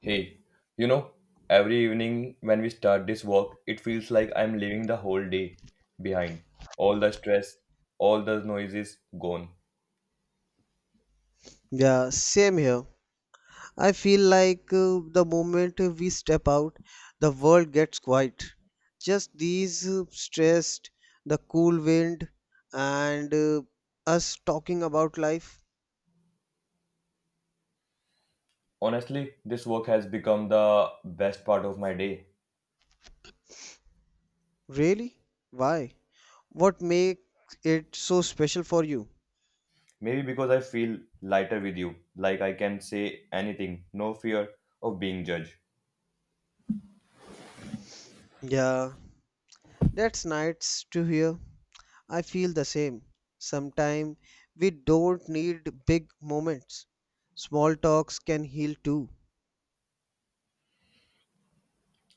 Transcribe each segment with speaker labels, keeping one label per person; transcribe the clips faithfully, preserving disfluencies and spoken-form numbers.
Speaker 1: Hey, you know, every evening when we start this work, it feels like I'm leaving the whole day behind. All the stress, all the noises gone.
Speaker 2: Yeah, same here. I feel like uh, the moment we step out, the world gets quiet. Just these uh, stressed, the cool wind, and uh, us talking about life.
Speaker 1: Honestly, this work has become the best part of my day.
Speaker 2: Really? Why? What makes it so special for you?
Speaker 1: Maybe because I feel lighter with you, like I can say anything, no fear of being judged.
Speaker 2: Yeah, that's nice to hear. I feel the same. Sometimes we don't need big moments. Small talks can heal too.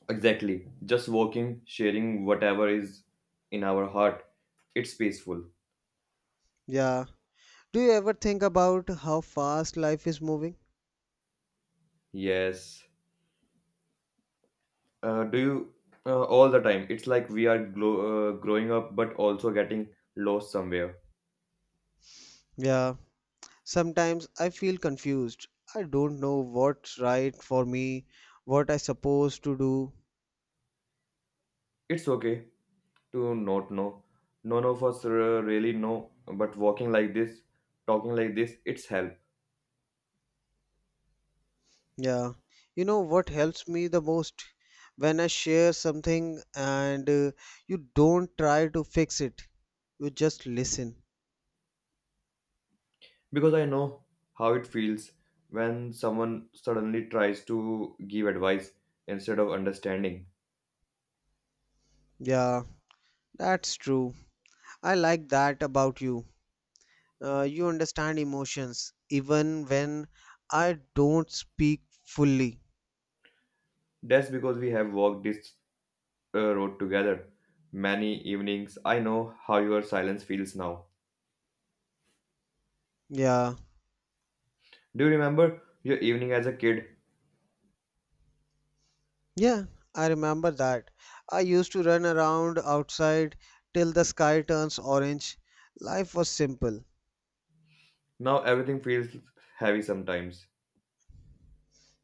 Speaker 1: Exactly, just working, sharing whatever is in our heart. It's peaceful.
Speaker 2: Yeah. Do you ever think about how fast life is moving?
Speaker 1: Yes. Uh, do you uh, all the time? It's like we are glo- uh, growing up, but also getting lost somewhere.
Speaker 2: Yeah, sometimes I feel confused. I don't know what's right for me, what I supposed to do.
Speaker 1: It's okay to not know. None of us uh, really know, but walking like this, talking like this, it's help
Speaker 2: Yeah, you know what helps me the most when I share something and uh, you don't try to fix it. You just listen.
Speaker 1: because I know how it feels when someone suddenly tries to give advice instead of understanding.
Speaker 2: Yeah, that's true. I like that about you. Uh, you understand emotions even when I don't speak fully.
Speaker 1: That's because we have walked this uh, road together many evenings. I know how your silence feels now.
Speaker 2: Yeah.
Speaker 1: Do you remember your evening as a kid?
Speaker 2: Yeah, I remember that. I used to run around outside till the sky turns orange. Life was simple.
Speaker 1: Now everything feels heavy sometimes.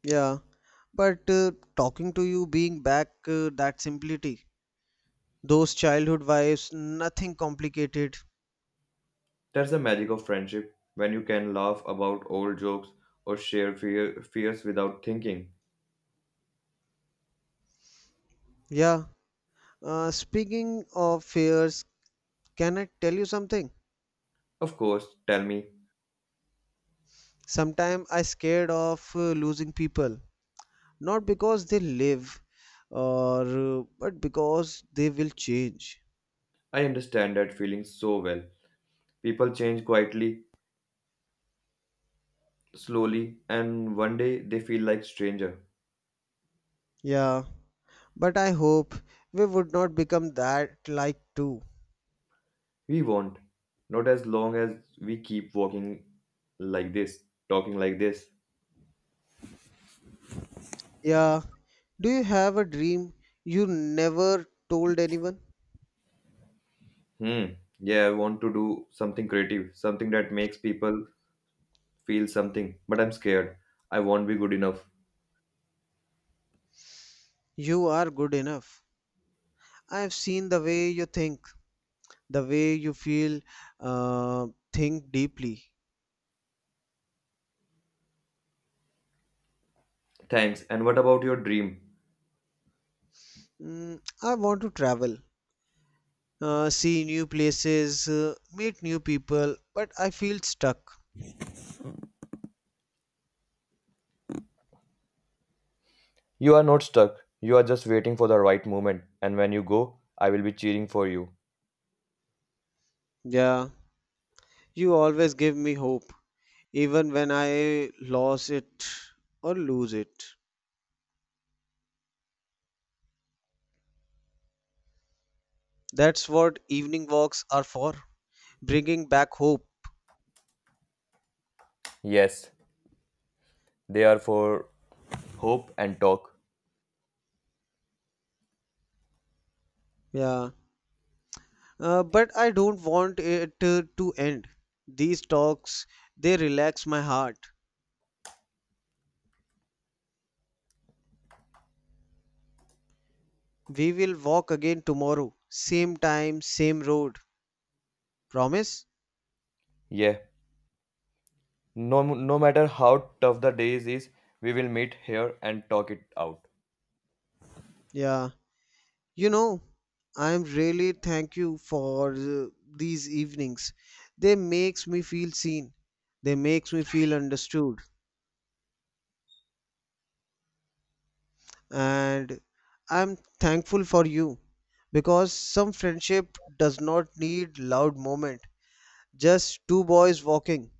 Speaker 2: Yeah, but uh, talking to you, being back, uh, that simplicity, those childhood vibes, nothing complicated.
Speaker 1: That's the magic of friendship when you can laugh about old jokes or share fear, fears without thinking.
Speaker 2: Yeah, uh, speaking of fears, can I tell you something?
Speaker 1: Of course, tell me.
Speaker 2: Sometimes I scared of uh, losing people, not because they live, or uh, but because they will change.
Speaker 1: I understand that feeling so well. People change quietly, slowly, and one day they feel like stranger.
Speaker 2: Yeah. But I hope we would not become that like too.
Speaker 1: We won't. Not as long as we keep walking like this, talking like this.
Speaker 2: Yeah. Do you have a dream you never told anyone?
Speaker 1: Hmm. Yeah, I want to do something creative, something that makes people feel something, but I'm scared. I won't be good enough.
Speaker 2: You are good enough. I have seen the way you think, the way you feel, uh, think deeply.
Speaker 1: Thanks. And what about your dream?
Speaker 2: Mm, I want to travel, uh, see new places, uh, meet new people, but I feel stuck.
Speaker 1: You are not stuck. You are just waiting for the right moment. And when you go, I will be cheering for you.
Speaker 2: Yeah, you always give me hope, even when I lose it or lose it. That's what evening walks are for, bringing back hope.
Speaker 1: Yes, they are for hope and talk.
Speaker 2: Yeah. Uh, but I don't want it to, to end. These talks, they relax my heart. We will walk again tomorrow. Same time, same road. Promise?
Speaker 1: Yeah. No, no matter how tough the days is, we will meet here and talk it out.
Speaker 2: Yeah. You know, I'm really thank you for uh, these evenings. They makes me feel seen. They makes me feel understood. And I'm thankful for you because some friendship does not need loud moment. Just two boys walking,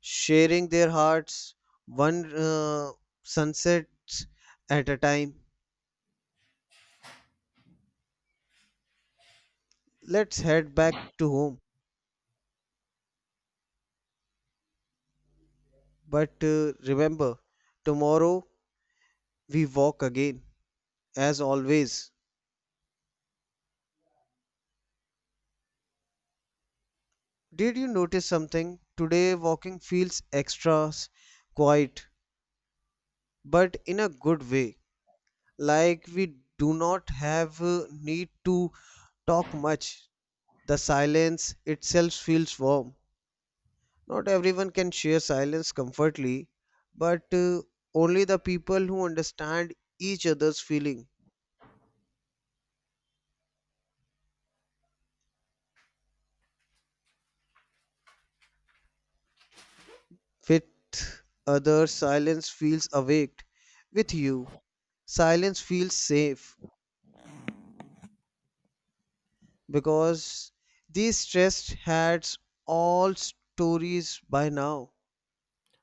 Speaker 2: sharing their hearts, one uh, sunset at a time. Let's head back to home. But uh, remember, tomorrow we walk again, as always. Did you notice something? Today walking feels extra s- quiet, but in a good way. Like we do not have uh, need to talk much. The silence itself feels warm. Not everyone can share silence comfortably, but uh, only the people who understand each other's feeling. With others, silence feels awaked. With you, silence feels safe because these stressed heads all stories by now.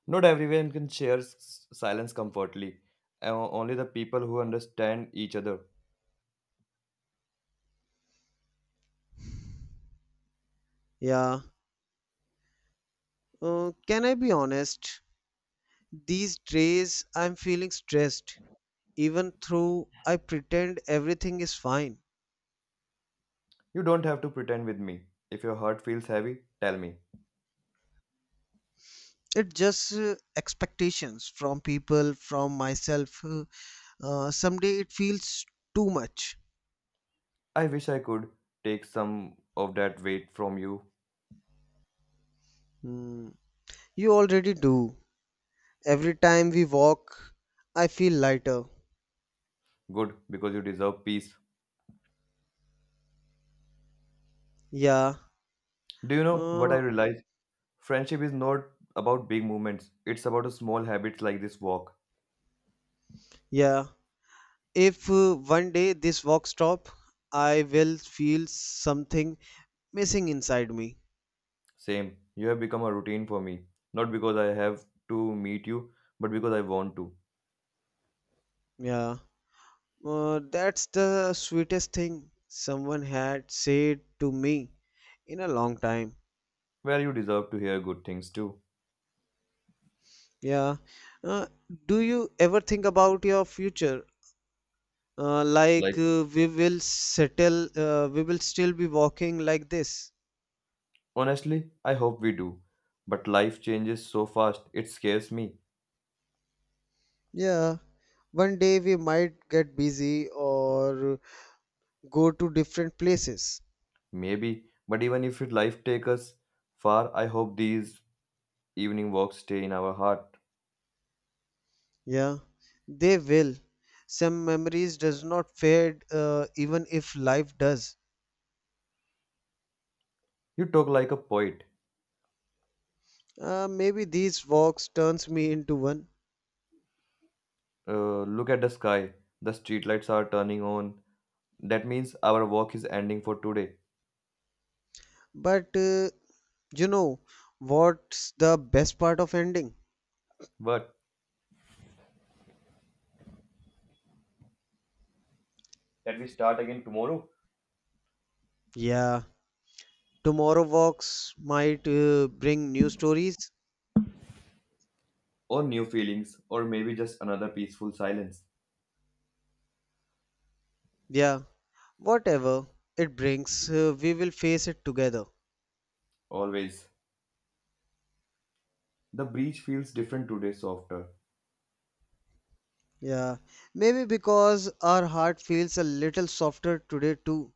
Speaker 1: Not everyone can share s- silence comfortably. O- Only the people who understand each other.
Speaker 2: Yeah. Uh, can I be honest? These days I'm feeling stressed, even though I pretend everything is fine.
Speaker 1: You don't have to pretend with me. If your heart feels heavy, tell me.
Speaker 2: It's just uh, expectations from people, from myself. Uh, uh, someday it feels too much.
Speaker 1: I wish I could take some of that weight from you.
Speaker 2: Hmm. You already do. Every time we walk, I feel lighter.
Speaker 1: Good, because you deserve peace.
Speaker 2: Yeah.
Speaker 1: Do you know what I
Speaker 2: Uh,
Speaker 1: realize? Friendship is not about big movements, it's about a small habits like this walk.
Speaker 2: yeah. If uh, one day this walk stop, I will feel something missing inside me.
Speaker 1: Same, you have become a routine for me. Not because I have to meet you, but because I want to.
Speaker 2: Yeah. Uh, that's the sweetest thing someone had said to me in a long time.
Speaker 1: Well, you deserve to hear good things too.
Speaker 2: Yeah. Uh, do you ever think about your future? Uh, like
Speaker 1: Like,
Speaker 2: uh, we will settle, uh, we will still be walking like this.
Speaker 1: honestly, I hope we do. But life changes so fast, it scares me.
Speaker 2: Yeah, one day we might get busy or go to different places.
Speaker 1: Maybe, but even if it life takes us far, I hope these evening walks stay in our heart.
Speaker 2: Yeah, they will. Some memories does not fade, uh, even if life does.
Speaker 1: You talk like a poet.
Speaker 2: Uh, maybe these walks turns me into one.
Speaker 1: Uh, look at the sky. The streetlights are turning on. That means our work is ending for today.
Speaker 2: But uh, you know what's the best part of ending?
Speaker 1: But that we start again tomorrow?
Speaker 2: Yeah, tomorrow walks might uh, bring new stories.
Speaker 1: Or new feelings, or maybe just another peaceful silence.
Speaker 2: Yeah, whatever it brings, uh, we will face it together.
Speaker 1: Always. The breeze feels different today, softer.
Speaker 2: Yeah, maybe because our heart feels a little softer today too.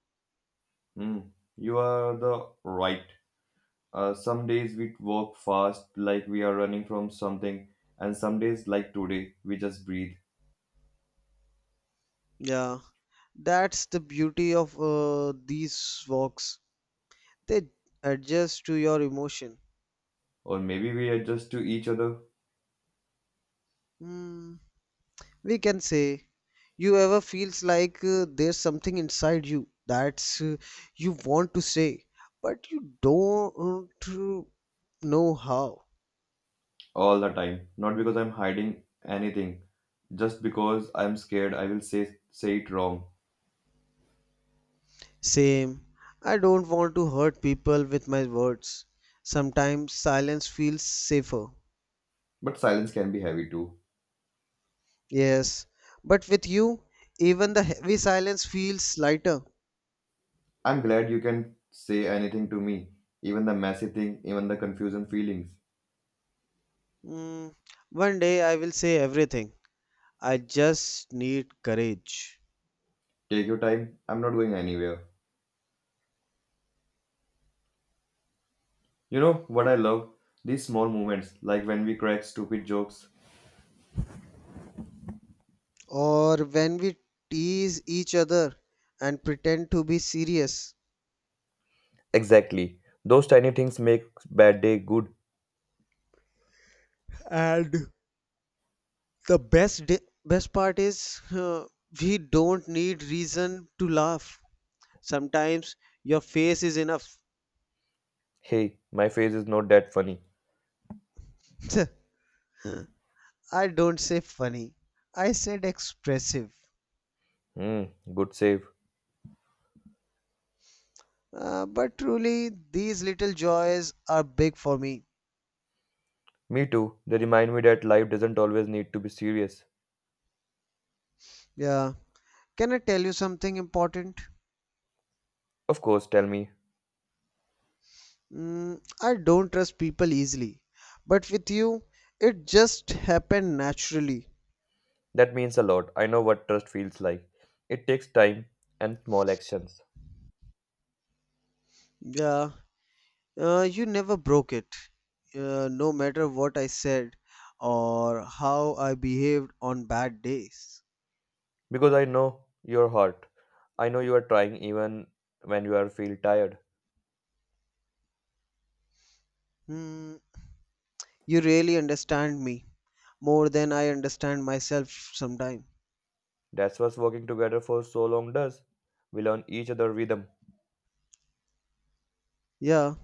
Speaker 1: Hmm. You are the right. Uh, some days we walk fast, like we are running from something, and some days, like today, we just breathe.
Speaker 2: Yeah, that's the beauty of uh, these walks. They adjust to your emotion.
Speaker 1: Or maybe we adjust to each other
Speaker 2: Hmm, we can say you ever feels like uh, there's something inside you that's uh, you want to say but you don't uh, know how.
Speaker 1: all the time. Not because I'm hiding anything, just because I'm scared I will say say it wrong.
Speaker 2: Same. I don't want to hurt people with my words. Sometimes silence feels safer.
Speaker 1: But silence can be heavy too.
Speaker 2: Yes, but with you even the heavy silence feels lighter.
Speaker 1: I'm glad you can say anything to me, even the messy thing, even the confusing feelings.
Speaker 2: Mm, one day I will say everything. I just need courage.
Speaker 1: Take your time, I'm not going anywhere. You know what I love? These small moments, like when we crack stupid jokes.
Speaker 2: Or when we tease each other and pretend to be serious.
Speaker 1: Exactly. Those tiny things make bad day good.
Speaker 2: And the best di- best part is uh, we don't need reason to laugh. Sometimes your face is enough.
Speaker 1: Hey, my face is not that funny.
Speaker 2: I don't say funny, I said expressive.
Speaker 1: Hmm, good save.
Speaker 2: Uh, but truly these little joys are big for me.
Speaker 1: Me too. They remind me that life doesn't always need to be serious.
Speaker 2: Yeah, can I tell you something important?
Speaker 1: Of course, tell me.
Speaker 2: Mm, I don't trust people easily, but with you, it just happened naturally.
Speaker 1: That means a lot. I know what trust feels like. It takes time and small actions.
Speaker 2: Yeah, uh, you never broke it. Uh, no matter what I said or how I behaved on bad days.
Speaker 1: Because I know your heart. I know you are trying even when you are feel tired.
Speaker 2: Hmm, you really understand me more than I understand myself sometime.
Speaker 1: That's what working together for so long does. We learn each other rhythm.
Speaker 2: Yeah,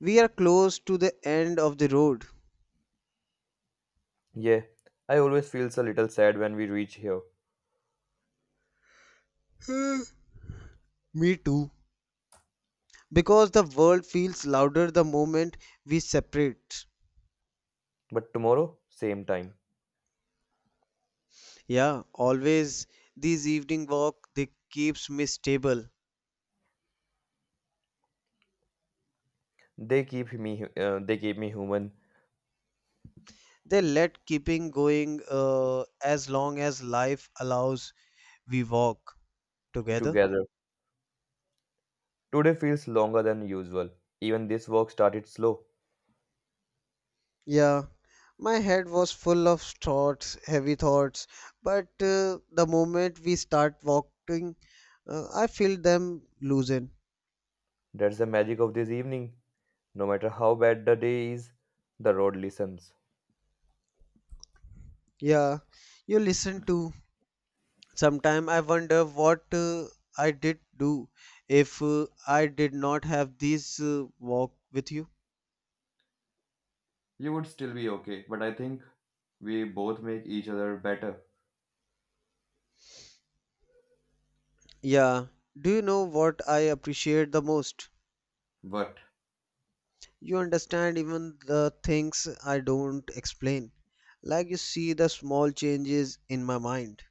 Speaker 2: we are close to the end of the road.
Speaker 1: Yeah, I always feels a little sad when we reach here.
Speaker 2: Me too. Because the world feels louder the moment we separate.
Speaker 1: But tomorrow, same time.
Speaker 2: Yeah, always these evening walk they keeps me stable.
Speaker 1: They keep me uh, they keep me human
Speaker 2: They let keeping going uh, as long as life allows we walk together.
Speaker 1: together. Today feels longer than usual. Even this work started slow.
Speaker 2: Yeah, my head was full of thoughts, heavy thoughts, but uh, the moment we start walking, uh, I feel them loosen.
Speaker 1: That's the magic of this evening. No matter how bad the day is, the road listens.
Speaker 2: Yeah, you listen too. Sometime I wonder what uh, I did do if uh, I did not have this uh, walk with you.
Speaker 1: You would still be okay, but I think we both make each other better.
Speaker 2: Yeah. Do you know what I appreciate the most?
Speaker 1: But,
Speaker 2: You understand even the things I don't explain. Like you see the small changes in my mind.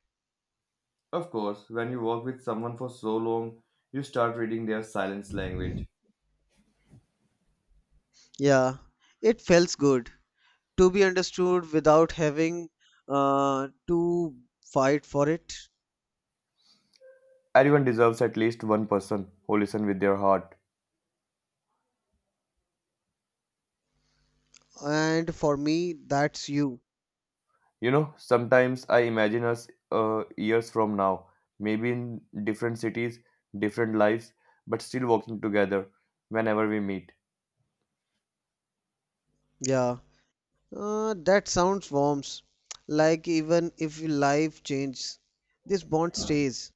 Speaker 1: of course, when you work with someone for so long, you start reading their silence language.
Speaker 2: Yeah. It feels good to be understood without having uh, to fight for it.
Speaker 1: Everyone deserves at least one person who listens with their heart.
Speaker 2: And for me, that's you.
Speaker 1: You know, sometimes I imagine us uh, years from now, maybe in different cities, different lives, but still working together whenever we meet.
Speaker 2: Yeah. Uh, that sounds warm. Like even if life changes, this bond stays.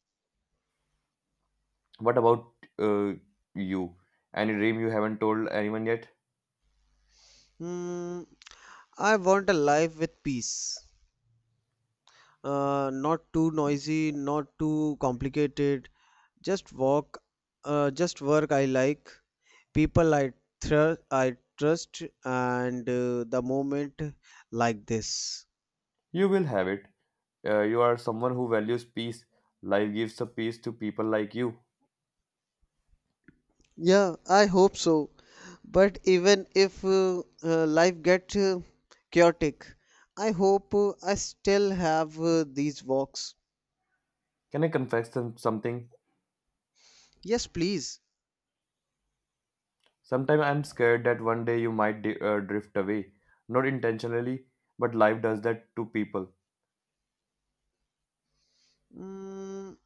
Speaker 1: What about uh, you? Any dream you haven't told anyone yet?
Speaker 2: Hmm, I want a life with peace. Uh, not too noisy, not too complicated. Just work, uh, just work I like. People I thr I trust, and uh, the moment like this.
Speaker 1: You will have it. Uh, you are someone who values peace. Life gives a peace to people like you.
Speaker 2: Yeah, I hope so. But even if uh, uh, life gets uh, chaotic, I hope uh, I still have uh, these walks.
Speaker 1: Can I confess some, something?
Speaker 2: Yes, please.
Speaker 1: Sometimes I'm scared that one day you might di- uh, drift away. Not intentionally, but life does that to people.
Speaker 2: Mm,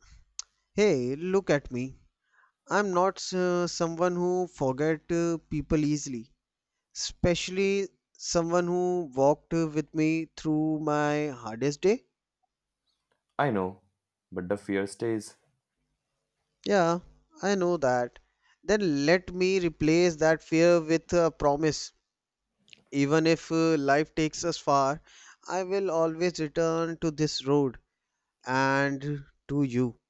Speaker 2: hey, look at me. I'm not uh, someone who forget uh, people easily, especially someone who walked uh, with me through my hardest day.
Speaker 1: I know, but the fear stays.
Speaker 2: Yeah, I know that. Then let me replace that fear with a promise. Even if uh, life takes us far, I will always return to this road and to you.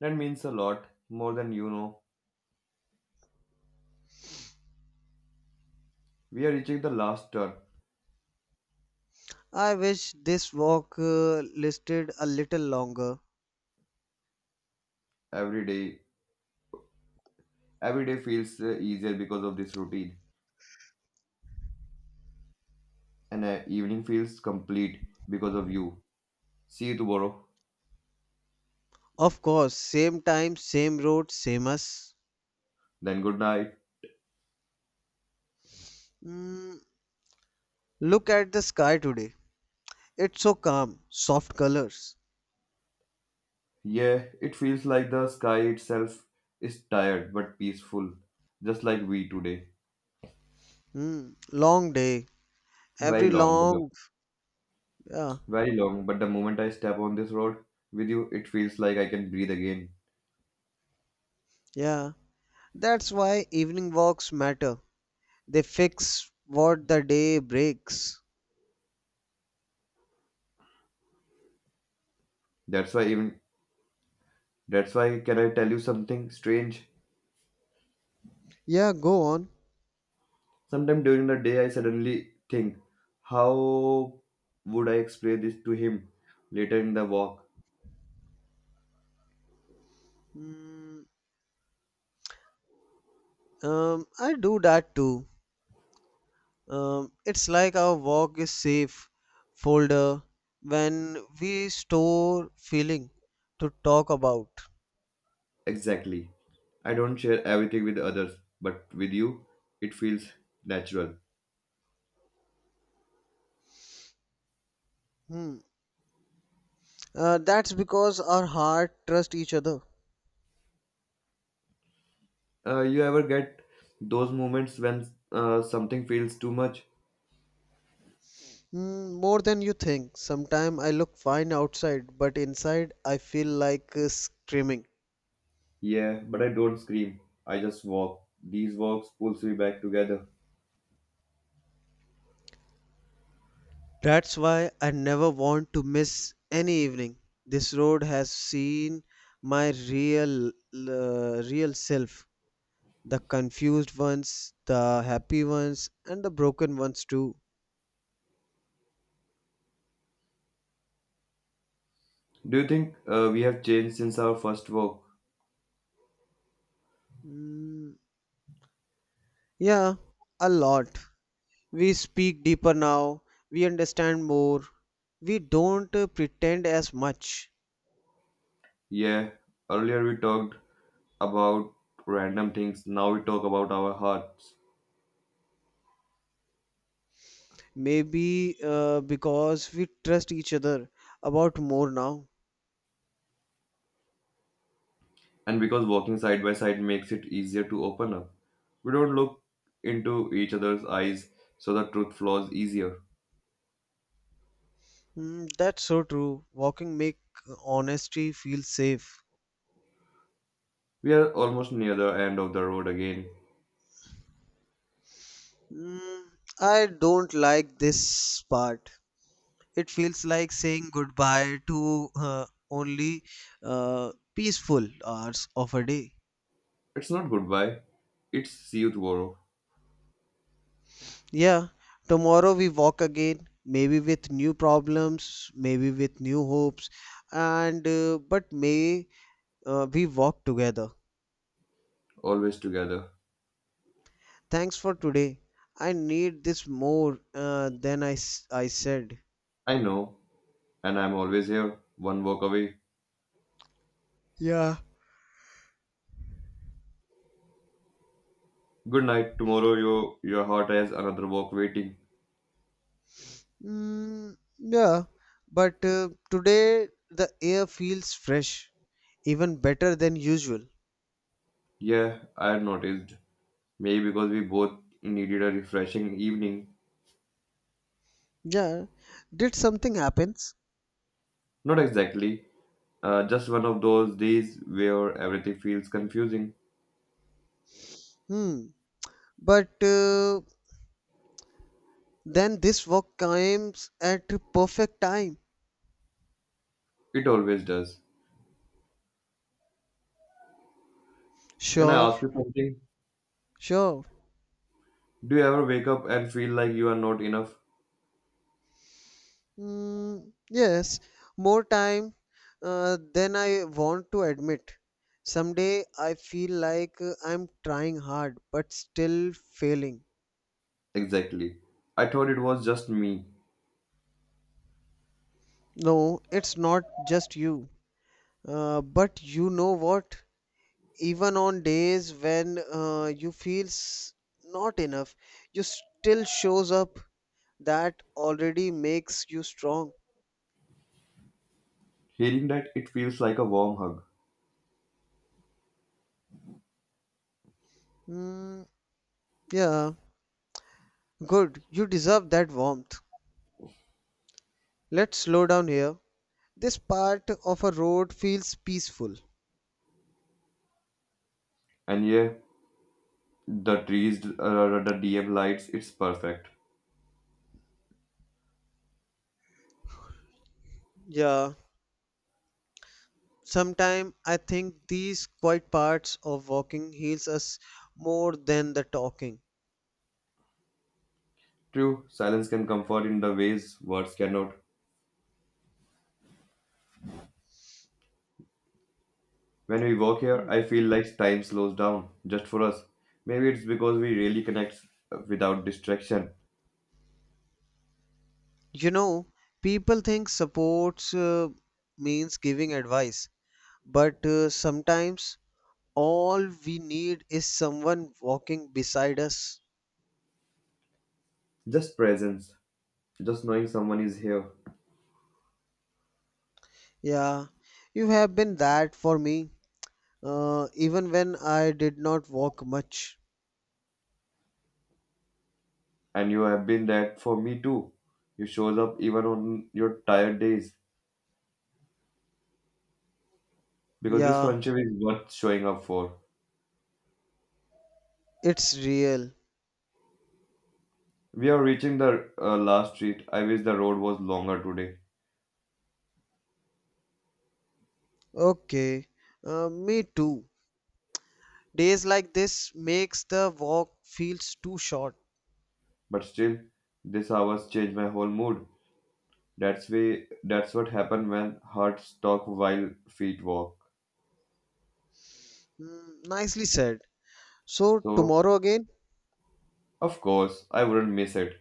Speaker 1: That means a lot, more than you know. We are reaching the last turn
Speaker 2: I wish this walk uh, listed a little longer.
Speaker 1: every day. Every day feels uh, easier because of this routine, and uh, evening feels complete because of you. See you tomorrow.
Speaker 2: Of course, same time, same road, same us.
Speaker 1: Then good night.
Speaker 2: Mm, look at the sky today. It's so calm, soft colors.
Speaker 1: Yeah, it feels like the sky itself is tired but peaceful, just like we today.
Speaker 2: Mm, long day.
Speaker 1: Very
Speaker 2: Every
Speaker 1: long, but the,
Speaker 2: long. Yeah,
Speaker 1: very long, but the moment I step on this road with you, it feels like I can breathe again.
Speaker 2: yeah. That's why evening walks matter. They fix what the day breaks.
Speaker 1: That's why even that's why can I tell you something strange?
Speaker 2: Yeah, go on.
Speaker 1: Sometime during the day I suddenly think, how would I explain this to him later in the walk?
Speaker 2: Mm, um, I do that too. Um, it's like our walk is safe folder when we store feeling to talk about.
Speaker 1: Exactly. I don't share everything with others, but with you, it feels natural.
Speaker 2: Hmm. Uh, that's because our heart trust each other.
Speaker 1: Uh, you ever get those moments when uh, something feels too much?
Speaker 2: Mm, more than you think. Sometimes I look fine outside, but inside I feel like uh, screaming.
Speaker 1: Yeah, but I don't scream. I just walk. These walks pulls me back together.
Speaker 2: That's why I never want to miss any evening. This road has seen my real, uh, real self. The confused ones, the happy ones, and the broken ones too.
Speaker 1: Do you think uh, we have changed since our first walk?
Speaker 2: Mm, yeah, a lot. We speak deeper now, we understand more, we don't uh, pretend as much.
Speaker 1: Yeah, earlier we talked about random things. Now we talk about our hearts.
Speaker 2: Maybe uh, because we trust each other about more now.
Speaker 1: And because walking side by side makes it easier to open up, we don't look into each other's eyes, so the truth flows easier.
Speaker 2: Mm, that's so true. Walking make honesty feel safe.
Speaker 1: We are almost near the end of the road again.
Speaker 2: Mm, I don't like this part. It feels like saying goodbye to uh, only uh, peaceful hours of a day.
Speaker 1: It's not goodbye, it's see you tomorrow,
Speaker 2: Yeah, tomorrow we walk again, maybe with new problems, maybe with new hopes, and uh, but may uh, we walk together.
Speaker 1: always together.
Speaker 2: Thanks for today. I need this more uh, than I, s- I said.
Speaker 1: I know, and I'm always here, one walk away.
Speaker 2: Yeah.
Speaker 1: Good night, tomorrow your, your heart has another walk waiting.
Speaker 2: Mm, yeah, but uh, today the air feels fresh, even better than usual.
Speaker 1: Yeah, I had noticed. Maybe because we both needed a refreshing evening.
Speaker 2: Yeah, did something happens?
Speaker 1: Not exactly, uh, just one of those days where everything feels confusing.
Speaker 2: Hmm. But uh, then this work comes at the perfect time.
Speaker 1: It always does. Can I
Speaker 2: Sure,
Speaker 1: ask you something?
Speaker 2: sure.
Speaker 1: Do you ever wake up and feel like you are not enough?
Speaker 2: Hmm. Yes, more time uh, than I want to admit. Someday I feel like uh, I'm trying hard but still failing.
Speaker 1: Exactly. I thought it was just me.
Speaker 2: No, it's not just you. Uh, but you know what? Even on days when uh, you feel s- not enough, you still shows up. That already makes you strong.
Speaker 1: Hearing that, it feels like a warm hug.
Speaker 2: Mm, yeah, good. You deserve that warmth. Let's slow down here. This part of a road feels peaceful.
Speaker 1: And yeah, the trees, uh, the D M lights, it's perfect.
Speaker 2: Yeah, sometime I think these quiet parts of walking heals us more than the talking.
Speaker 1: True, silence can comfort in the ways words cannot. When we walk here, I feel like time slows down, just for us. Maybe it's because we really connect uh, without distraction.
Speaker 2: You know, people think supports uh, means giving advice, but uh, sometimes all we need is someone walking beside us.
Speaker 1: Just presence, just knowing someone is here.
Speaker 2: Yeah, you have been that for me, uh, even when I did not walk much.
Speaker 1: And you have been that for me too. You shows up even on your tired days. Because this
Speaker 2: Yeah,
Speaker 1: friendship is worth showing up for.
Speaker 2: it's real.
Speaker 1: We are reaching the uh, last street. I wish the road was longer today.
Speaker 2: Okay, uh, me too. Days like this makes the walk feels too short.
Speaker 1: But still, these hours change my whole mood. That's way that's what happened when hearts talk while feet walk.
Speaker 2: Mm, nicely said. So
Speaker 1: So
Speaker 2: tomorrow again.
Speaker 1: of course I wouldn't miss it.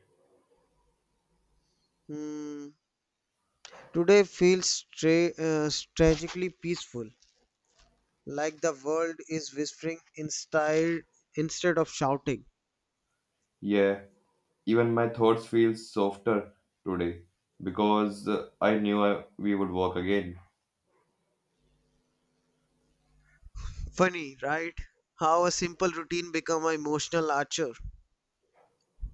Speaker 2: Hmm, today feels tra- uh, tragically peaceful. Like the world is whispering instead instead of shouting.
Speaker 1: Yeah, even my thoughts feel softer today because uh, I knew I, we would walk again.
Speaker 2: Funny, right? How a simple routine become an emotional archer.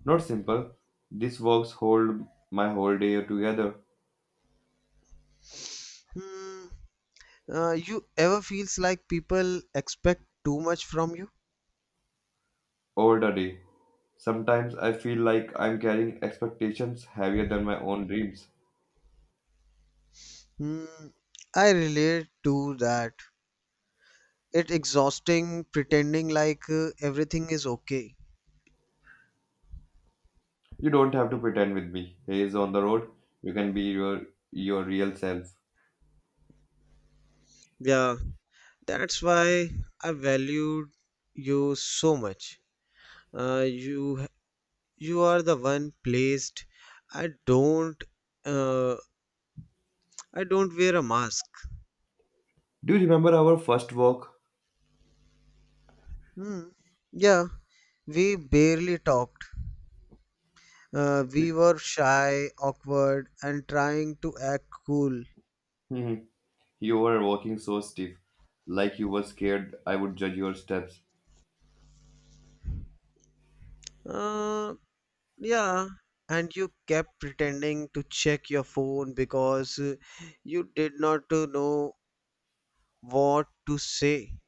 Speaker 1: Not simple. These walks hold my whole day together,
Speaker 2: Hmm. Uh, you ever feels like people expect too much from you?
Speaker 1: all the day. Sometimes I feel like I'm carrying expectations heavier than my own dreams.
Speaker 2: Hmm. I relate to that. It exhausting pretending like uh, everything is okay.
Speaker 1: You don't have to pretend with me. Haze on the road. You can be your your real self.
Speaker 2: Yeah, that's why I valued you so much. Uh, you You are the one placed. I don't. Uh, I don't wear a mask.
Speaker 1: Do you remember our first walk?
Speaker 2: Hmm. Yeah, we barely talked. Uh, we
Speaker 1: Y-
Speaker 2: were shy, awkward, and trying to act cool.
Speaker 1: mhm. You were walking so stiff, like you were scared I would judge your steps.
Speaker 2: Uh, yeah, and you kept pretending to check your phone because uh, you did not to know what to say.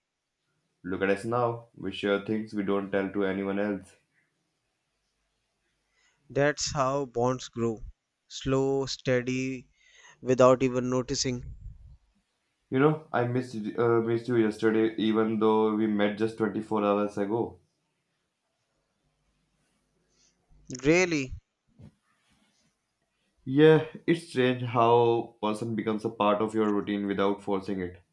Speaker 1: Look at us now. We share things we don't tell to anyone else.
Speaker 2: That's how bonds grow. Slow, steady, without even noticing.
Speaker 1: You know, I missed uh, missed you yesterday, even though we met just twenty-four hours ago.
Speaker 2: Really?
Speaker 1: Yeah, it's strange how person becomes a part of your routine without forcing it.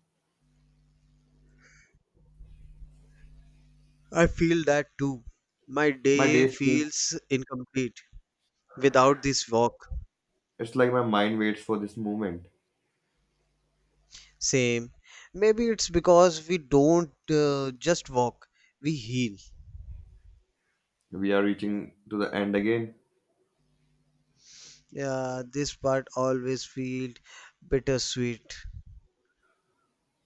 Speaker 2: I feel that too. My
Speaker 1: My
Speaker 2: day
Speaker 1: days feels
Speaker 2: feels incomplete without this walk.
Speaker 1: it's like my mind waits for this moment.
Speaker 2: Same. Maybe it's because we don't uh, just walk, we heal.
Speaker 1: We are reaching to the end again.
Speaker 2: Yeah, this part always feels bittersweet.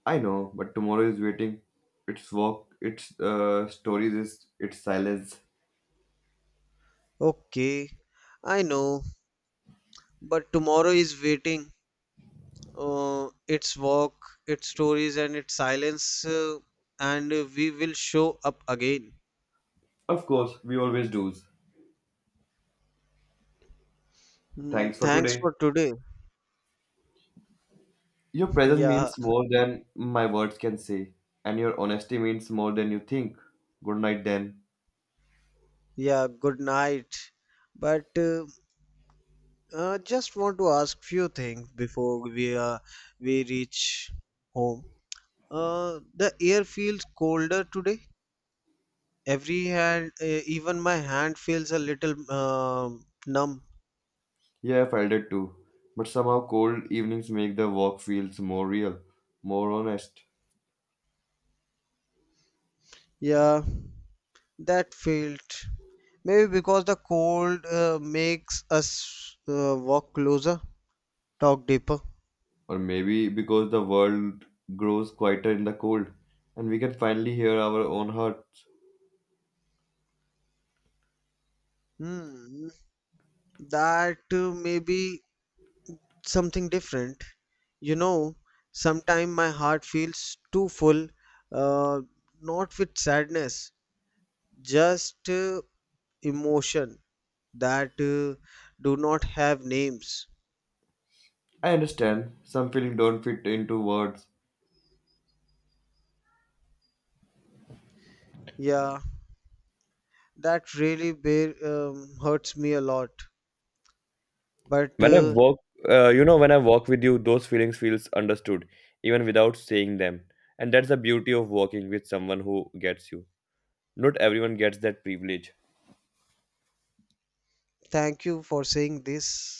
Speaker 1: I know, but tomorrow is waiting. Its walk, its uh, stories, is its silence.
Speaker 2: Okay, I know, but tomorrow is waiting. Uh, its walk, its stories, and its silence, uh, and we will show up again.
Speaker 1: Of course, we always do.
Speaker 2: Mm,
Speaker 1: Thanks for
Speaker 2: thanks
Speaker 1: today.
Speaker 2: for today.
Speaker 1: Your presence
Speaker 2: Yeah.
Speaker 1: means more than my words can say, and your honesty means more than you think. Good night, then.
Speaker 2: Yeah, good night. But uh, uh, Just want to ask few things before we uh, we reach home. Uh, the air feels colder today. Every hand, uh, even my hand feels a little um numb.
Speaker 1: Yeah, I felt it too. But somehow, cold evenings make the walk feels more real, more honest.
Speaker 2: Yeah, that felt maybe because the cold uh, makes us uh, walk closer, talk deeper.
Speaker 1: Or maybe because the world grows quieter in the cold, and we can finally hear our own hearts.
Speaker 2: Hmm, that uh, maybe something different. You know, sometimes my heart feels too full, uh, not with sadness, just uh, emotion that uh, do not have names.
Speaker 1: I understand. Some feeling don't fit into words.
Speaker 2: Yeah, that really bear, um, hurts me a lot. But
Speaker 1: When I
Speaker 2: uh,
Speaker 1: walk, uh, you know, when I walk with you, those feelings feels understood, even without saying them. And that's the beauty of walking with someone who gets you. Not everyone gets that privilege.
Speaker 2: thank you for saying this.